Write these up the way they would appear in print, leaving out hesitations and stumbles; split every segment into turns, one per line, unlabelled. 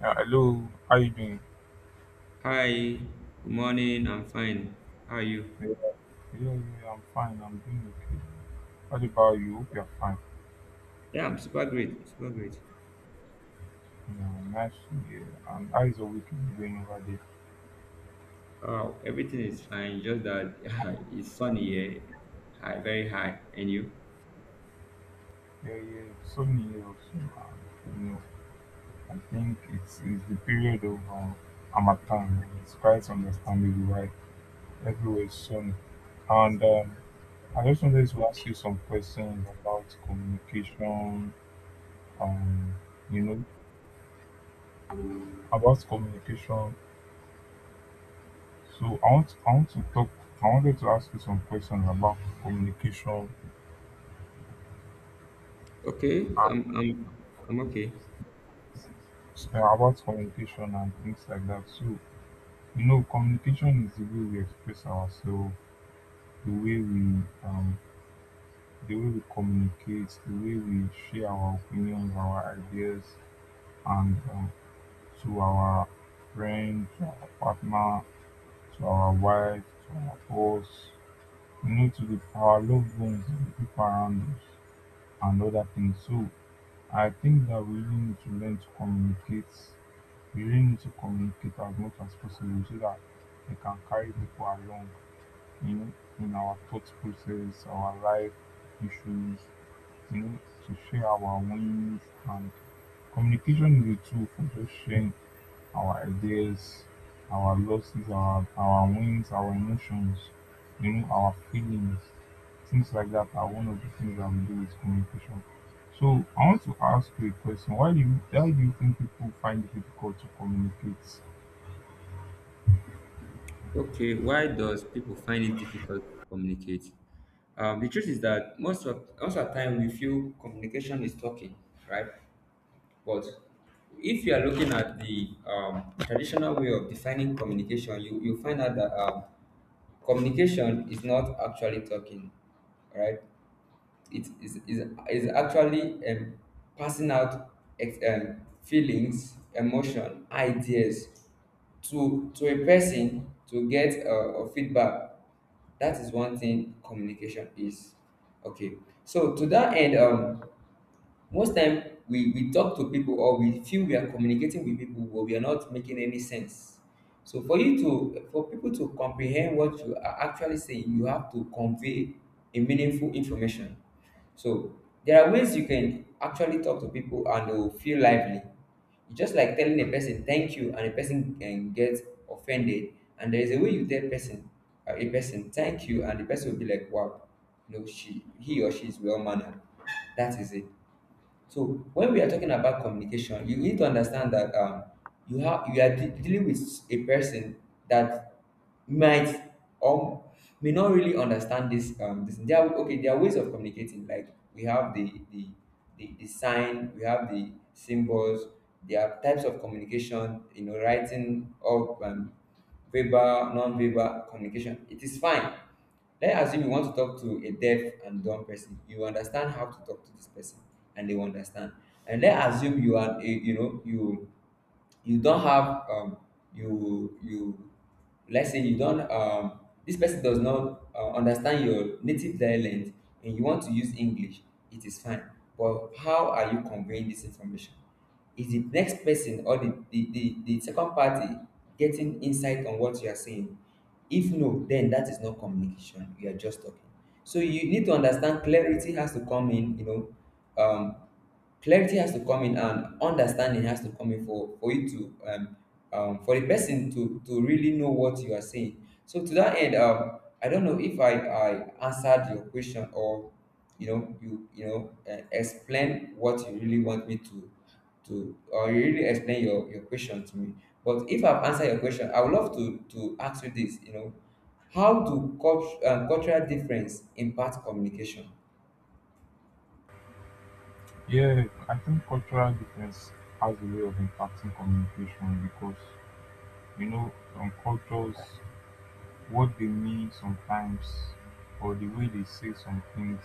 Yeah, hello, how you doing?
Hi, good morning. I'm fine. How are you?
Yeah, yeah, yeah, I'm fine. I'm doing okay. What about you? Hope you're fine.
Yeah, I'm super great. Super great.
Yeah, nice to hear. And how is your weekend going over there?
Oh, everything is fine. Just that it's sunny here, high, very high. And you?
Yeah, yeah, sunny here also. you know, I think it's the period of Amatan. It's quite understandable, right? Everywhere is sunny. And I just wanted to ask you some questions about communication. Um, you know, about communication. So I want to talk. I wanted to ask you some questions
Okay,
and
I'm I'm okay.
about communication and things like that. So communication is the way we express ourselves, the way we the way we communicate, the way we share our opinions, our ideas, and to our friends, to our partner, to our wife, to our boss, to our loved ones, the people around us, and other things. So I think that we really need to learn to communicate. We really need to communicate as much as possible so that we can carry people along, you know, in our thought process, our life issues, you know, to share our wins. And communication is a tool for just sharing our ideas, our losses, our wins, our emotions, our feelings, things like that are one of the things that we do with communication. So I want to ask you a question. Why do you think people find it difficult to communicate?
Okay, why does people find it difficult to communicate? The truth is that most of the time we feel communication is talking, right? But if you are looking at the traditional way of defining communication, you find out that communication is not actually talking, right? It is actually passing out feelings, emotion, ideas to a person to get feedback. That is one thing communication is. Okay. So to that end, most time we talk to people or we feel we are communicating with people, but we are not making any sense. So for you to, for people to comprehend what you are actually saying, you have to convey a meaningful information. So there are ways you can actually talk to people and they will feel lively. It's just like telling a person thank you and a person can get offended, and there is a way you tell person a person thank you and the person will be like, wow, you know, she, he or she is well mannered. That is it. So when we are talking about communication, you need to understand that you have, you are dealing with a person that might or may not really understand this, um, this. There are, okay, there are ways of communicating. Like we have the the sign, we have the symbols. There are types of communication, you know, writing or verbal, non-verbal communication. It is fine. Let's assume you want to talk to a deaf and dumb person. You understand how to talk to this person and they will understand. And let's assume you are a, you know, you don't have, um, you let's say you don't, um, this person does not understand your native dialect and you want to use English. It is fine. But how are you conveying this information? Is the next person or the second party getting insight on what you are saying? If no, then that is not communication. You are just talking. So you need to understand, clarity has to come in, you know, um, clarity has to come in and understanding has to come in for you to, um, for the person to really know what you are saying. So to that end, um, I don't know if I answered your question or, you know, you know, explain what you really want me to, or you really explain your question to me. But if I've answered your question, I would love to ask you this, you know, how do cultural difference impact communication?
Yeah, I think cultural difference has a way of impacting communication, because some cultures, what they mean sometimes, or the way they say some things,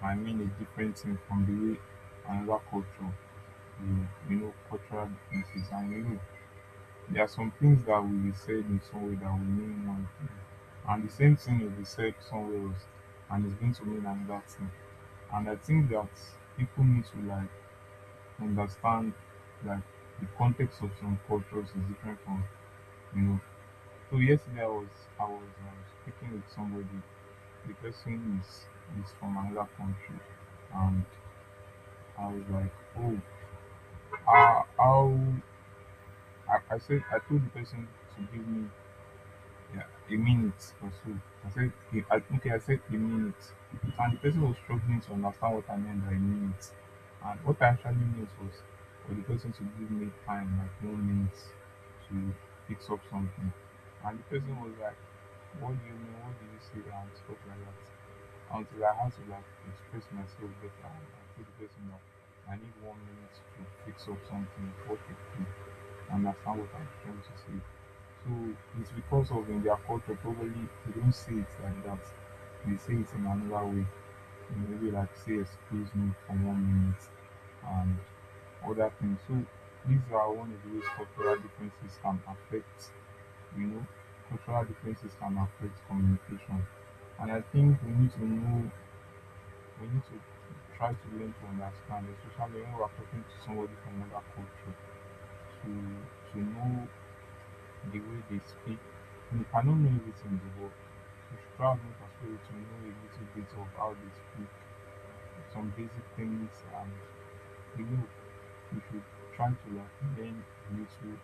might mean a different thing from the way another culture. Cultural differences, and there are some things that will be said in some way that will mean one thing, and the same thing will be said somewhere else, and it's going to mean another thing. And I think that people need to, like, understand, like, the context of some cultures is different from you know so yesterday I was speaking with somebody. The person is from another country. And I was like, oh, how? I told the person to give me, yeah, a minute or so. I said, "Yeah, okay, I said a minute," and the person was struggling to understand what I meant by minute, and what I actually meant was for the person to give me time, like 1 minute, to fix up something. And the person was like, "What do you mean? What do you say?" And stuff like that. Until I had to, like, express myself better and tell the person that I need 1 minute to fix up something before they can understand what I'm trying to say. So it's because of in their culture probably they don't say it like that. They say it in another way. Maybe like say, "Excuse me for 1 minute," and other things. So these are one of the ways cultural differences can affect, you know, communication. And I think we need to we need to try to learn to understand, especially when we are talking to somebody from another culture, to know the way they speak. We cannot know everything, but we should try as much as possible to know a little bit of how they speak, some basic things, and you know, we should try to, like, learn little,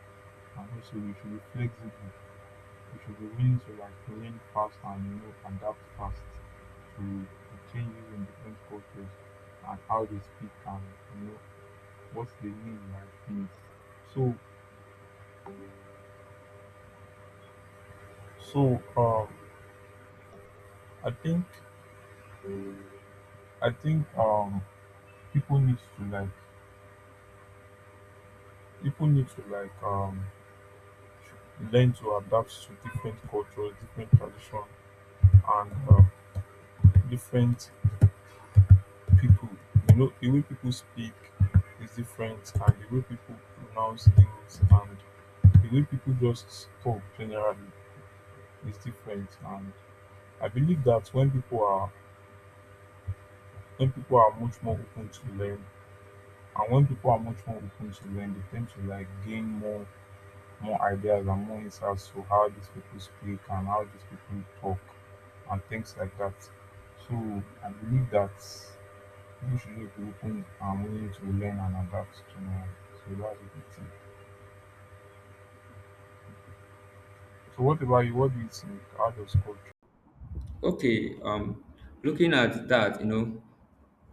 and also we should be flexible. We should be willing to, like, learn fast and, adapt fast to the changes in different cultures and how they speak and, you know what they mean by things. So so I think I think people need to like people need to, like, learn to adapt to different cultures, different tradition, and different people. The way people speak is different, and the way people pronounce things, and the way people just talk generally is different. And I believe that when people are much more open to learn. And when people are much more open to learn, they tend to, like, gain more ideas, and more insights to how these people speak and how these people talk and things like that. So I believe that you should just be open and willing to learn and adapt to know. So that's a good thing. So what about you? What do you think? How does culture?
Okay, looking at that, you know,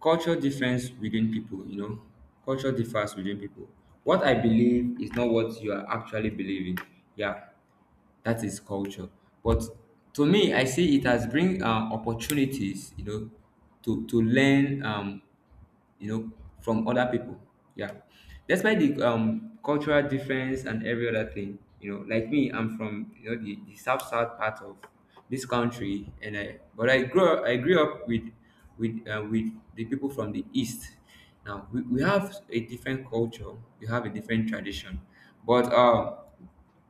culture difference within people, you know, culture differs within people. What I believe is not what you are actually believing. Yeah, that is culture. But to me, I see it as bring, opportunities, you know, to learn, you know, from other people. Yeah, despite the cultural difference and every other thing, you know, like me, I'm from, you know, the south south part of this country, and I, but I grew up with, with the people from the east. Now we have a different culture, we have a different tradition, but um,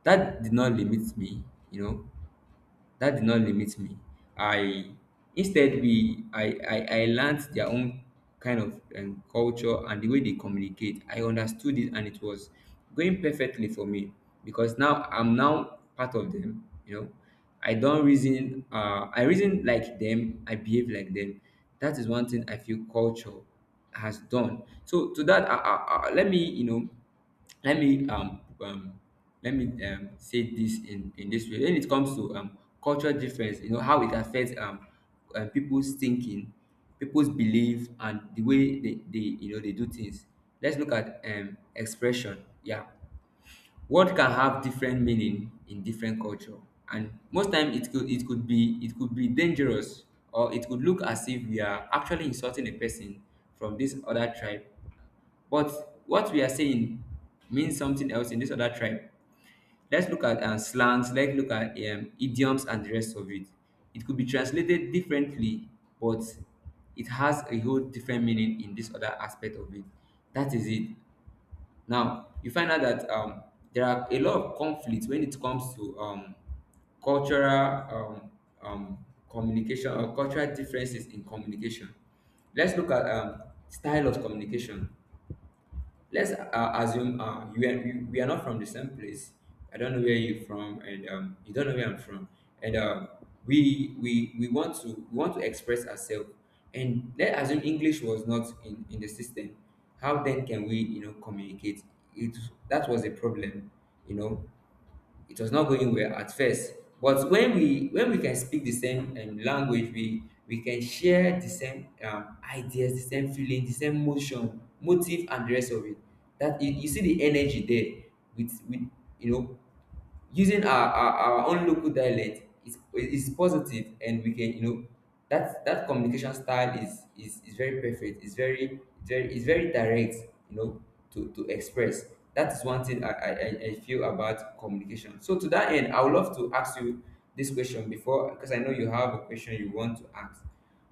that did not limit me, you know, that did not limit me. I, instead, we I learned their own kind of culture and the way they communicate. I understood it and it was going perfectly for me because now I'm now part of them, you know. I don't reason, I reason like them, I behave like them. That is one thing I feel culture has done. So to that, let me, you know, let me, let me, um, say this in this way. When it comes to, um, cultural difference, you know, how it affects, um, people's thinking, people's belief and the way they, you know, they do things. Let's look at, um, expression. Yeah, word can have different meaning in different culture, and most time it could be dangerous or it could look as if we are actually insulting a person from this other tribe, but what we are saying means something else in this other tribe. Let's look at, um, slangs, let's look at, idioms and the rest of it. It could be translated differently, but it has a whole different meaning in this other aspect of it. That is it. Now, you find out that, there are a lot of conflicts when it comes to, cultural, communication or cultural differences in communication. Let's look at, style of communication. Let's, assume, you and we are not from the same place. I don't know where you're from, and, you don't know where I'm from, and, we want to, we want to express ourselves. And let's assume English was not in the system. How then can we, you know, communicate? It, that was a problem, you know. It was not going well at first, but when we can speak the same language, we can share the same ideas, the same feeling, the same motion, motive and the rest of it. That, you see the energy there with you know, using our own local dialect is positive, and we can, you know, that that communication style is very perfect. It's very very, it's very direct, you know, to express. That is one thing I feel about communication. So to that end, I would love to ask you this question before, because I know you have a question you want to ask.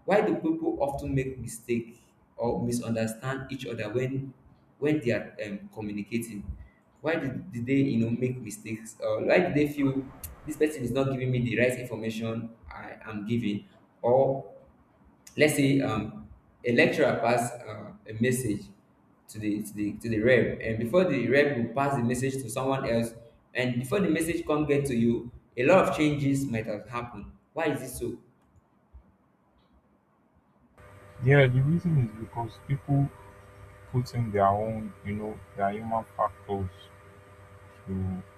Why do people often make mistake or misunderstand each other when they are, communicating? Why did they, you know, make mistakes, or why did they feel this person is not giving me the right information I am giving? Or let's say, um, a lecturer pass, a message to the, to the, to the rep, and before the rep will pass the message to someone else, and before the message come get to you, a lot of changes might have happened. Why is it so?
Yeah, the reason is because people put in their own, their human factors. to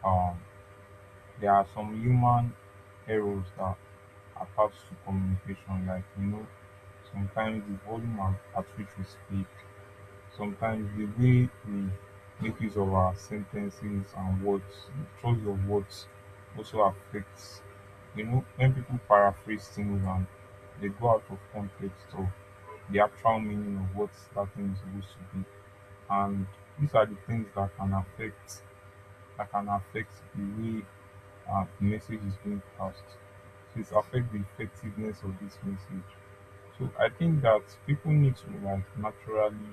um there are some human errors that apart to communication. Sometimes the volume at which we speak, sometimes the way we make use of our sentences and words, the choice of words, also affects. When people paraphrase things and they go out of context of the actual meaning of what that thing is supposed to be, and these are the things that can affect, the way and message is being passed. So it's affect the effectiveness of this message. So I think that people need to, like, naturally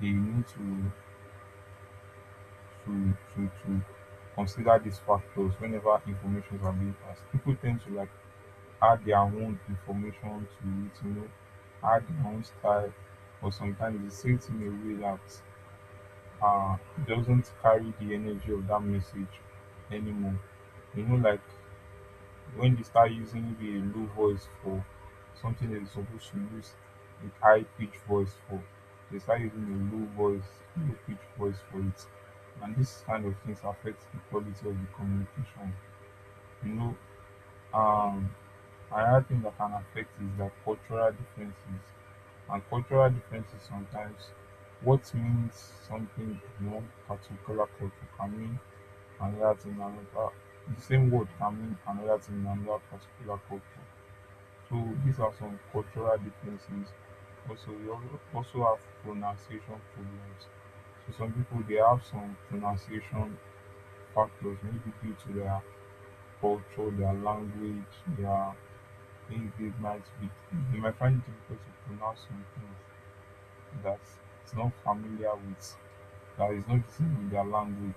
they need to, to to to consider these factors whenever information are being passed. People tend to, like, add their own information to it, add their own style, or sometimes it's sent in a way that uh doesn't carry the energy of that message anymore. Like when they start using maybe a low voice for something that they're supposed to use a high pitch voice for, they start using a low voice, low pitch voice for it. And this kind of things affects the quality of the communication. You know, um, another thing that can affect is that cultural differences. And cultural differences, sometimes what means something in one particular culture can mean another thing in another. The same word can mean another thing in another particular culture. So these are some cultural differences. Also, we also have pronunciation problems. So some people, they have some pronunciation factors, maybe due to their culture, their language, their things they might be, they might find it difficult to pronounce some things that it's not familiar with, that is not the same with their language.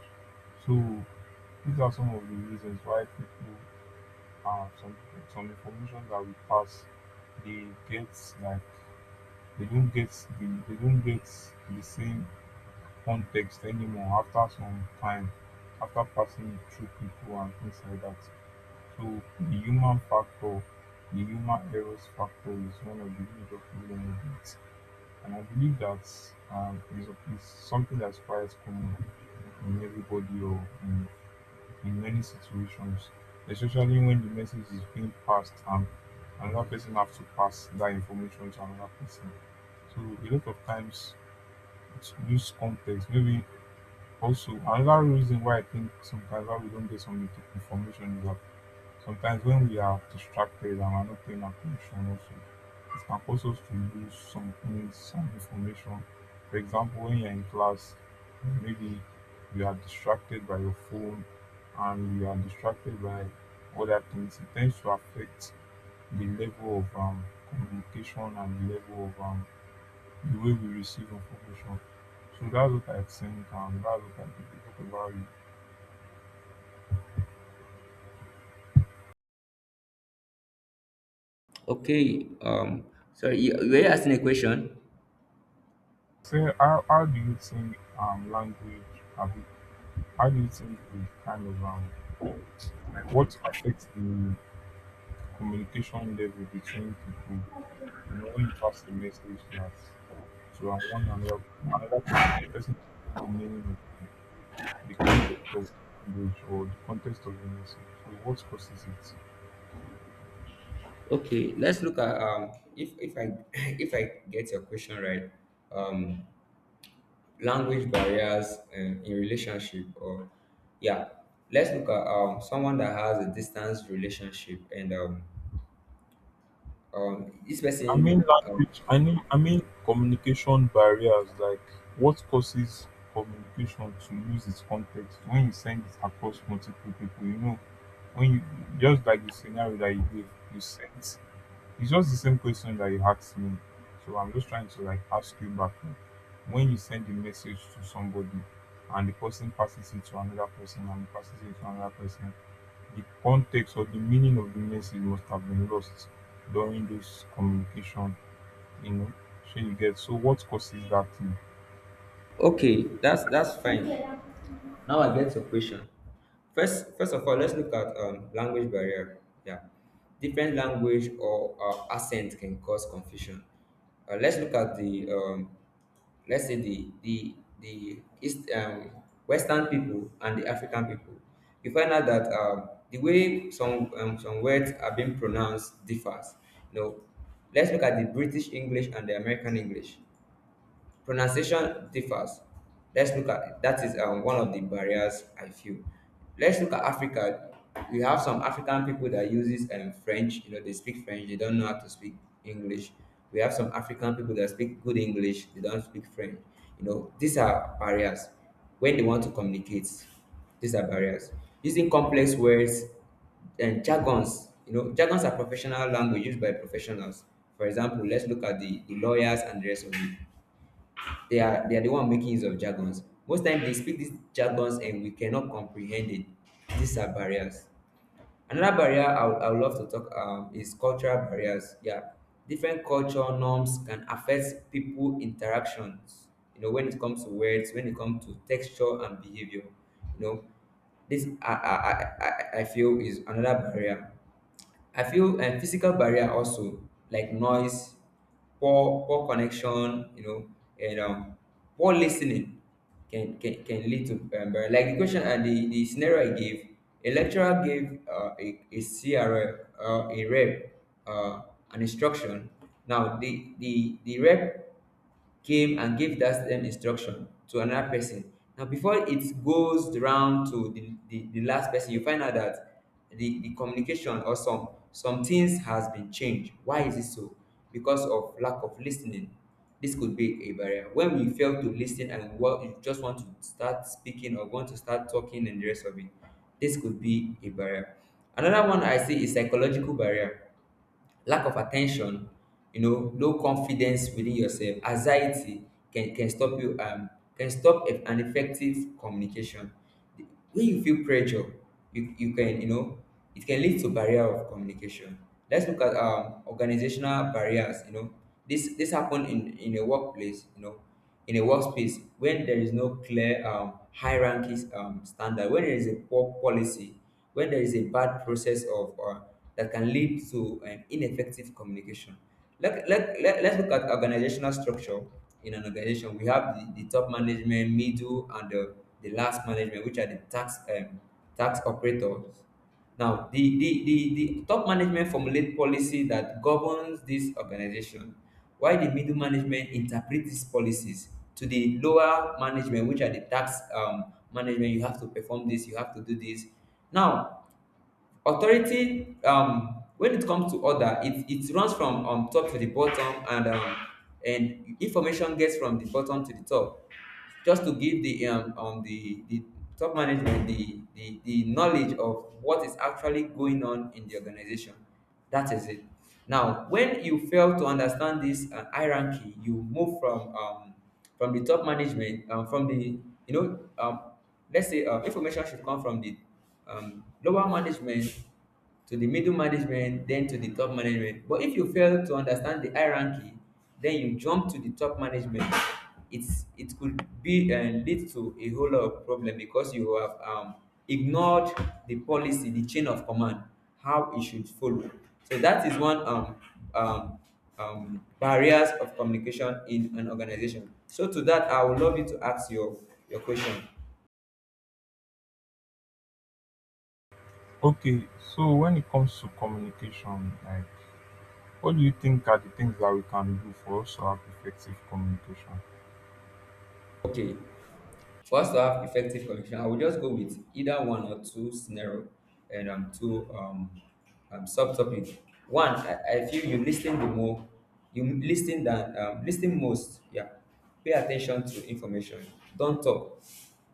So these are some of the reasons why people, some information that we pass, they get, like, They don't get they don't get the same context anymore after some time, after passing through people and things like that. So the human factor, the human errors factor, is one of the major problems with it. And I believe that is something that's quite common in everybody, or in many situations, especially when the message is being passed and another person have to pass that information to another person. So a lot of times it's lose context. Maybe also another reason why I think sometimes why we don't get some information is that sometimes when we are distracted and are not paying attention also, it can cause us to lose some things, some information. For example, when you're in class, maybe you are distracted by your phone and you are distracted by other things, it tends to affect the level of communication and the level of, the way we receive information. So that's what I think, and that's what I think about you.
Okay, um, sorry, were you asking a question?
So how do you think language have. How do you think we kind of, like, what affects the communication level between people? When you pass a message that to one another, another person, the person doesn't know the meaning of the context of the language or the context of the message. So what causes it?
Okay, let's look at, um, if I if I get your question right. Um, language barriers, in relationship, or yeah, let's look at, someone that has a distance relationship and, this
I mean
person, um,
language. I mean communication barriers. Like what causes communication to lose its context when you send it across multiple people? When you, just like the scenario that you gave, you sent. It's just the same question that you asked me. So I'm just trying to, like, ask you back now. When you send a message to somebody and the person passes it to another person and passes it to another person, the context or the meaning of the message must have been lost during this communication, you know. So you get, so what causes that thing?
okay that's fine, now I get your question. First, first of all, let's look at, language barrier. Yeah, different language or, accent can cause confusion. Let's look at the, let's say the East, Western people and the African people. You find out that, the way some, some words are being pronounced differs. You know, let's look at the British English and the American English. Pronunciation differs. Let's look at, that is, one of the barriers I feel. Let's look at Africa. We have some African people that uses, French. You know, they speak French. They don't know how to speak English. We have some African people that speak good English. They don't speak French. You know, these are barriers when they want to communicate. These are barriers. Using complex words and jargons. You know, jargons are professional language used by professionals. For example, let's look at the lawyers and the rest of it. They are, they are the one making use of jargons. Most times they speak these jargons and we cannot comprehend it. These are barriers. Another barrier I would love to talk um, is cultural barriers. Yeah, different culture norms can affect people interactions. You know, when it comes to words, when it comes to texture and behavior. You know, this I feel is another barrier. I feel, physical barrier also, like noise, poor connection, you know, and poor listening can lead to, barrier. Like the question and the scenario I gave, a lecturer gave, a CR, a rep, uh, an instruction. Now the rep came and gave that same instruction to another person. Now, before it goes around to the last person, you find out that the communication or some things has been changed. Why is it so? Because of lack of listening. This could be a barrier. When we fail to listen and what you just want to start speaking or want to start talking and the rest of it, this could be a barrier. Another one I see is psychological barrier, lack of attention, low confidence within yourself, anxiety can stop you can stop an effective communication. When you feel pressure, you can, it can lead to barrier of communication. Let's look at organizational barriers. This happen in a workplace. In a workspace when there is no clear hierarchy, standard, when there is a poor policy, when there is a bad process of that can lead to an ineffective communication. Let's look at organizational structure in an organization. We have the top management, middle, and the last management, which are the tax, tax operators. Now, the top management formulate policy that governs this organization, while the middle management interpret these policies to the lower management, which are the tax, management. You have to perform this, you have to do this. Now, authority, when it comes to order, it runs from, top to the bottom, and information gets from the bottom to the top just to give the, the top management the, the knowledge of what is actually going on in the organization. That is it. Now when you fail to understand this, hierarchy, you move from, from the top management, from the, you know um let's say, information should come from the, lower management to the middle management, then to the top management. But if you fail to understand the hierarchy, then you jump to the top management. It could be and lead to a whole lot of problem because you have, ignored the policy, the chain of command, how it should follow. So that is one, um, barriers of communication in an organization. So to that, I would love you to ask your question.
Okay, so when it comes to communication, like, what do you think are the things that we can do for us to have effective communication?
Okay. For us to have effective communication, I will just go with either one or two scenario and, two, subtopic. One, I feel you listen the more you listen than, listen most. Yeah. Pay attention to information. Don't talk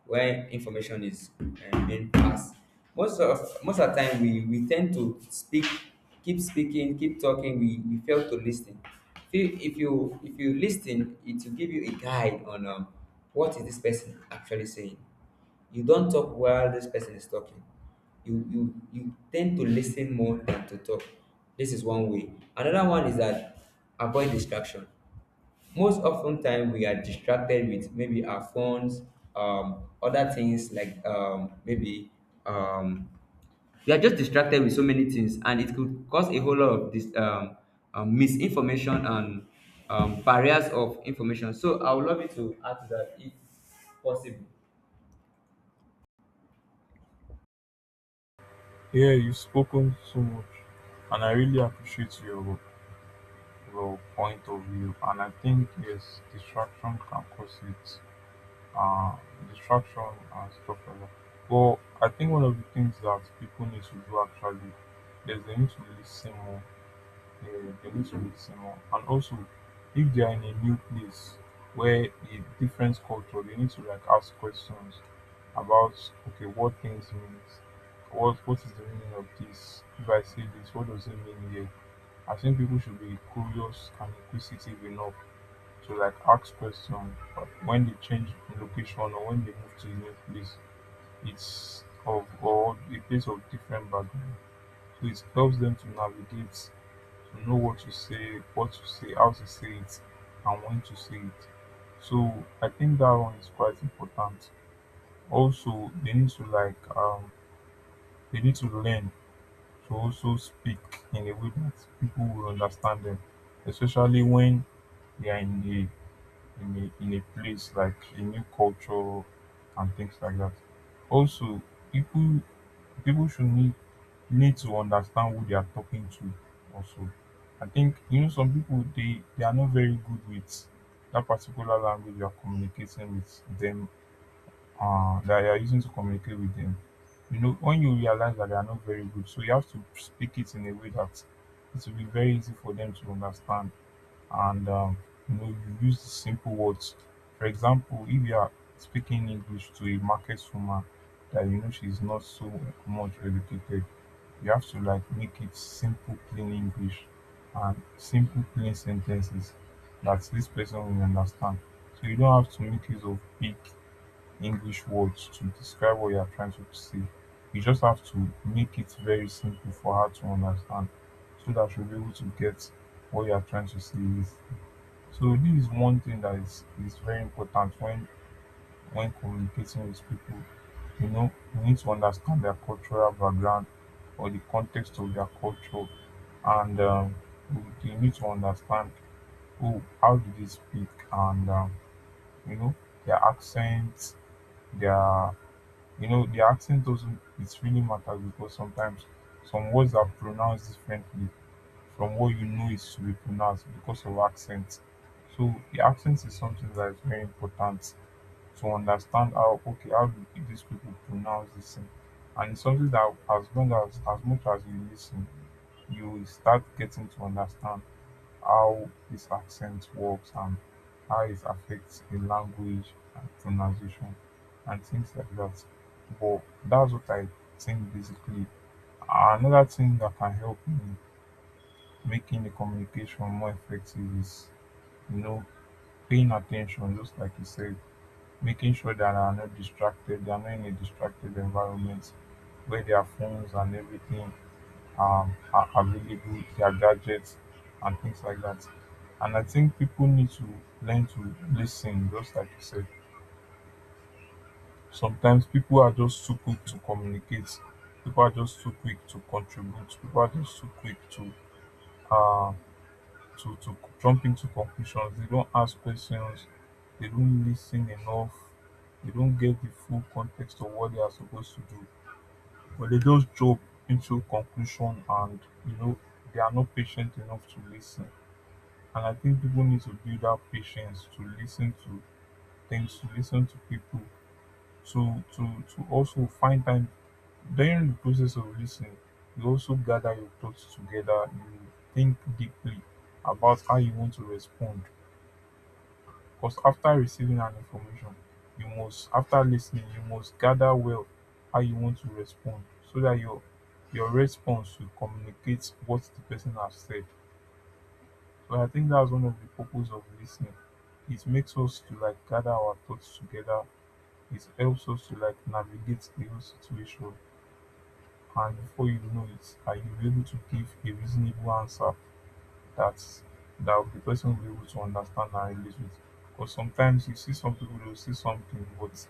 when information is, being passed. most of most of the time we tend to speak, keep speaking, keep talking, we fail to listen. If you if you if you lis it will give you a guide on, what is this person actually saying. You don't talk while this person is talking. You you you tend to listen more than to talk. This is one way. Another one is that avoid distraction. Most often time we are distracted with maybe our phones, other things like, maybe um we are just distracted with so many things, and it could cause a whole lot of this, misinformation and, barriers of information. So I would love you to add to that if possible.
Yeah, you've spoken so much, and I really appreciate your point of view. And I think, yes, distraction can cause it, uh, distraction and stuff like that. But I think one of the things that people need to do actually is they need to listen more, the mysteries, you know, and also if they are in a new place where a different culture, they need to like ask questions about, okay, what things means. What is the meaning of this? If I say this, what does it mean here? I think people should be curious and inquisitive enough to like ask questions when they change location or when they move to a new place. It's of or a place of different background, so it helps them to navigate, you know, what to say, how to say it, and when to say it. So I think that one is quite important. Also, they need to like they need to learn to also speak in a way that people will understand them, especially when they are in a place like a new culture and things like that. Also, people people should need to understand who they are talking to also. I think, you know, some people, they are not very good with that particular language you are communicating with them, that you are using to communicate with them. You know, when you realize that they are not very good, so you have to speak it in a way that it will be very easy for them to understand. And you know, you use simple words. For example, if you are speaking English to a market woman that, you know, she's not so much educated, you have to like make it simple, plain English and simple, plain sentences that this person will understand. So you don't have to make use of big English words to describe what you are trying to say. You just have to make it very simple for her to understand so that she'll be able to get what you are trying to say is. So this is one thing that is very important when communicating with people. You know, you need to understand their cultural background or the context of their culture. And you need to understand who how do they speak. And you know, their accent, their you know, their accent doesn't, it really matters because sometimes some words are pronounced differently from what you know is to be pronounced because of accent. So the accent is something that is very important, to understand how, okay, how do these people pronounce this thing. And it's something that as long as much as you listen, you will start getting to understand how his accent works and how it affects the language and pronunciation and things like that. But that's what I think basically. Another thing that can help in making the communication more effective is, you know, paying attention, just like you said, making sure that they are not distracted, they are not in a distracted environment where their phones and everything, are available, their gadgets, and things like that. And I think people need to learn to listen, just like you said. Sometimes people are just too quick to communicate. People are just too quick to contribute. People are just too quick to uh, to jump into conclusions. They don't ask questions. They don't listen enough. They don't get the full context of what they are supposed to do. But they just jump into conclusion, and, you know, they are not patient enough to listen. And I think people need to build up patience to listen to things, to listen to people, to to also find time during the process of listening. You also gather your thoughts together. You think deeply about how you want to respond. Because after receiving an information, you must, after listening, you must gather well how you want to respond so that your response will communicate what the person has said. But I think that's one of the purpose of listening. It makes us to like gather our thoughts together. It helps us to like navigate the whole situation. And before you know it, are you able to give a reasonable answer that the person will be able to understand and relate with? Because sometimes you see some people, they'll say something, but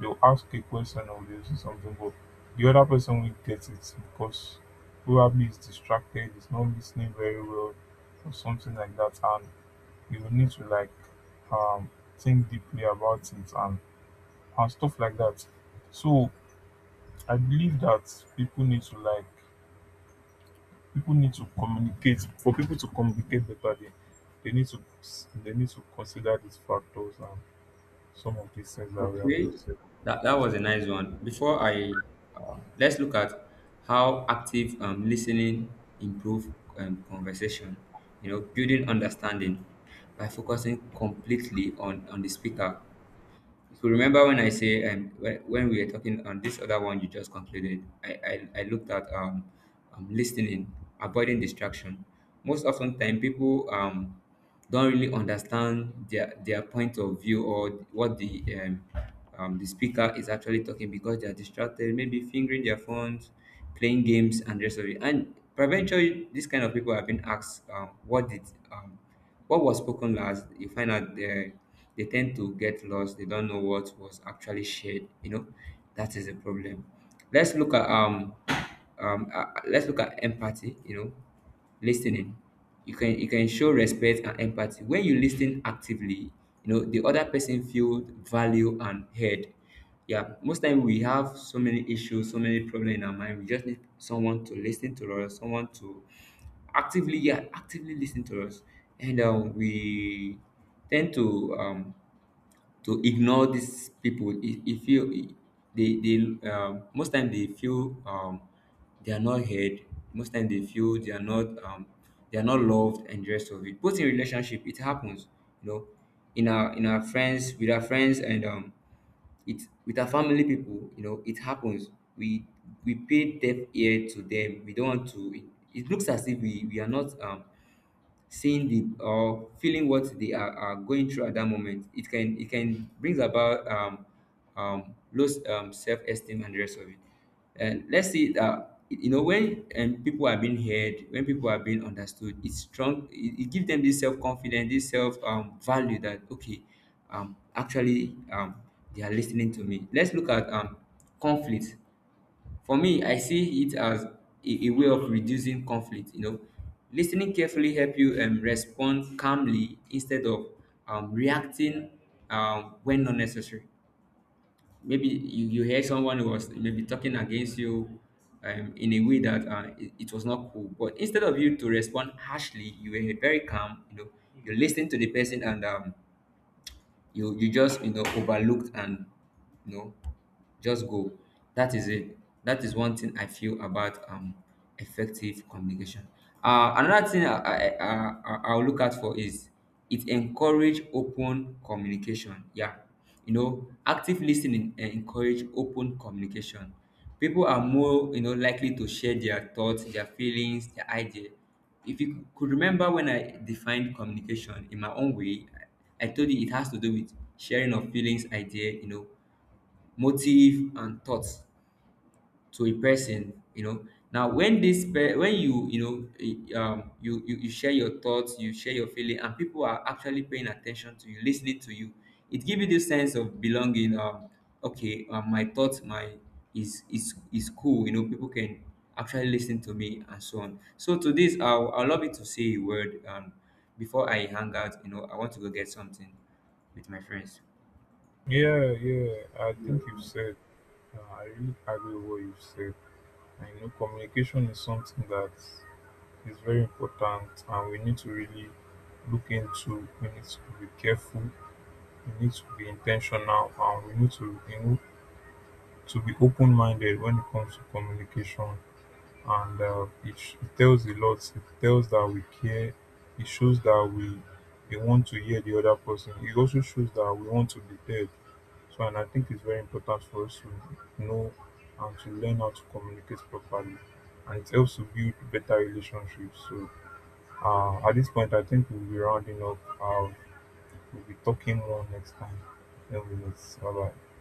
they'll ask a question, or they'll say something, but the other person will get it because probably is distracted, is not listening very well, or something like that. And you would need to like um, think deeply about it and stuff like that. So I believe that people need to people need to communicate for people to communicate better. They need to consider these factors and some of these things that we have
Okay,
just said.
that was a nice one. Before I, let's look at how active, listening improve, conversation. You know, building understanding by focusing completely on the speaker. So remember when I say, when we were talking on this other one you just concluded, I looked at, listening, avoiding distraction. Most often time people, don't really understand their point of view or what the, the speaker is actually talking, because they are distracted, maybe fingering their phones, playing games, and the rest of it. And peradventure, this kind of people have been asked, what did, um, what was spoken last, you find out they tend to get lost. They don't know what was actually shared. You know, that is a problem. Let's look at, let's look at empathy. You know, listening. You can show respect and empathy when you listen actively. You know, the other person feel value and heard. Yeah, most time we have so many issues, so many problems in our mind. We just need someone to listen to us, someone to actively, yeah, actively listen to us. And, we tend to, um, to ignore these people. If you, They, most time they feel, they are not heard. Most time they feel they are not, they are not loved and the rest of it. Both in relationship it happens, you know, in our, in our friends, with our friends, and, it with our family people, you know, it happens. we we pay deaf ear to them. We don't want to, it looks as if we, we are not, seeing the, or feeling what they are going through at that moment. It can, it can brings about, low, self-esteem and the rest of it. And let's see that, you know, when, people are being heard, when people are being understood, it's strong. It gives them this self-confidence, this self, value, that okay, actually, they are listening to me. Let's look at, conflict. For me, I see it as a way of reducing conflict. You know, listening carefully help you, respond calmly instead of, reacting, when not necessary. Maybe you, you hear someone who was maybe talking against you, in a way that, it, it was not cool. But instead of you to respond harshly, you were very calm. You know, you listen to the person, and, you, you just, you know, overlooked and, you know, just go. That is it. That is one thing I feel about, effective communication. Another thing I'll look out for is, it encourage open communication. Yeah, you know, active listening, encourage open communication. People are more, you know, likely to share their thoughts, their feelings, their idea. If you could remember when I defined communication in my own way, I told you it has to do with sharing of feelings, idea, you know, motive and thoughts to a person. You know, now when you, you know, you, you share your thoughts, you share your feeling, and people are actually paying attention to you, listening to you, it gives you this sense of belonging. Okay, my thoughts, my is cool, you know, people can actually listen to me, and so on. So to this I'll love you to say a word, before I hang out. You know, I want to go get something with my friends.
Yeah, yeah. I think you've said. I really agree with what you've said. I know communication is something that is very important, and we need to really look into. We need to be careful, we need to be intentional, and we need to be open-minded when it comes to communication. And it tells a lot, it tells that we care, it shows that we want to hear the other person, it also shows that we want to be heard. So, and I think it's very important for us to know and to learn how to communicate properly, and it helps to build better relationships. So at this point, I think we'll be rounding up. We'll be talking more next time then we meet. Bye bye.